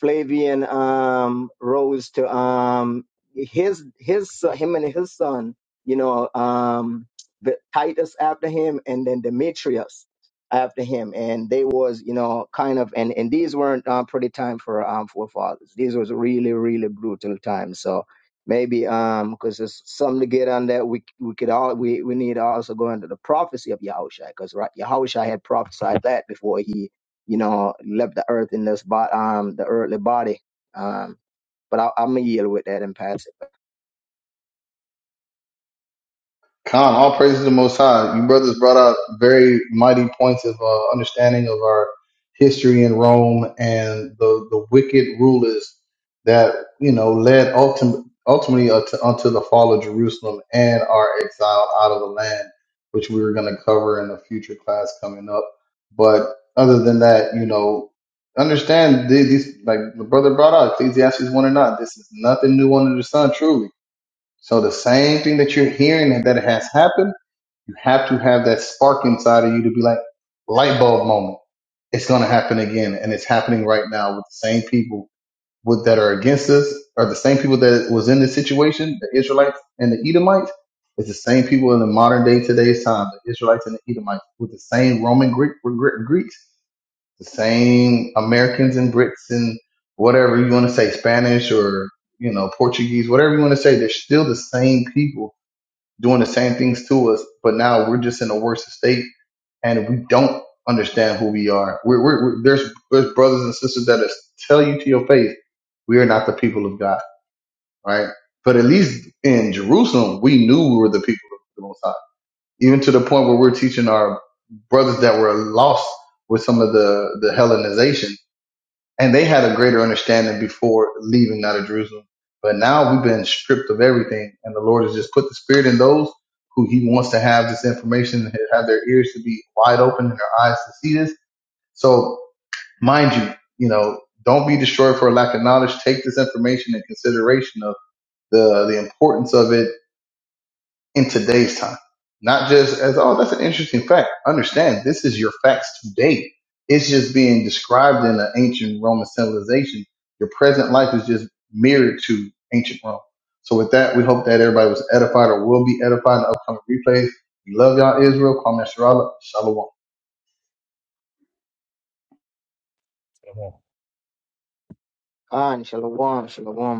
[SPEAKER 3] Flavian um, rose to um, his his uh, him and his son, you know, um, the Titus after him, and then Demetrius after him, and they was you know kind of and and these weren't um, pretty time for um forefathers. These was really really brutal times. So maybe um because there's something to get on that we we could all we we need to also go into the prophecy of Yahushua because right Yahushua had prophesied that before he you know, left the earth in this bot um the earthly body. Um but I I'm gonna yield with that and pass it.
[SPEAKER 2] Khan, all praises to the Most High. You brothers brought out very mighty points of uh, understanding of our history in Rome and the, the wicked rulers that, you know, led ultim- ultimately unto, unto the fall of Jerusalem and our exile out of the land, which we were going to cover in a future class coming up. But other than that, you know, understand the- these, like the brother brought out, Ecclesiastes 1 and 9, this is nothing new under the sun, truly So the same thing that you're hearing and that it has happened, you have to have that spark inside of you to be like light bulb moment. It's going to happen again, and it's happening right now with the same people with that are against us, or the same people that was in this situation, the Israelites and the Edomites. It's the same people in the modern day today's time, the Israelites and the Edomites, with the same Roman Greek, Gre- Greeks, the same Americans and Brits and whatever you want to say, Spanish or you know Portuguese, whatever you want to say. They're still the same people doing the same things to us, but now we're just in a worse state and we don't understand who we are. We're, we're, we're there's there's brothers and sisters that is, tell you to your face, we are not the people of God, right? But at least in Jerusalem, we knew we were the people of the Most High, even to the point where we're teaching our brothers that were lost with some of the the Hellenization and they had a greater understanding before leaving out of Jerusalem. But now we've been stripped of everything, and the Lord has just put the Spirit in those who He wants to have this information, have their ears to be wide open and their eyes to see this. So, mind you, you know, don't be destroyed for a lack of knowledge. Take this information in consideration of the the importance of it in today's time. Not just as, oh, that's an interesting fact. Understand, this is your facts today. It's just being described in an ancient Roman civilization. Your present life is just mirrored to ancient Rome. So with that, we hope that everybody was edified or will be edified in the upcoming replays. We love y'all, Israel. Kwame Shalom. Shalom.
[SPEAKER 3] Khan, shalom, shalom.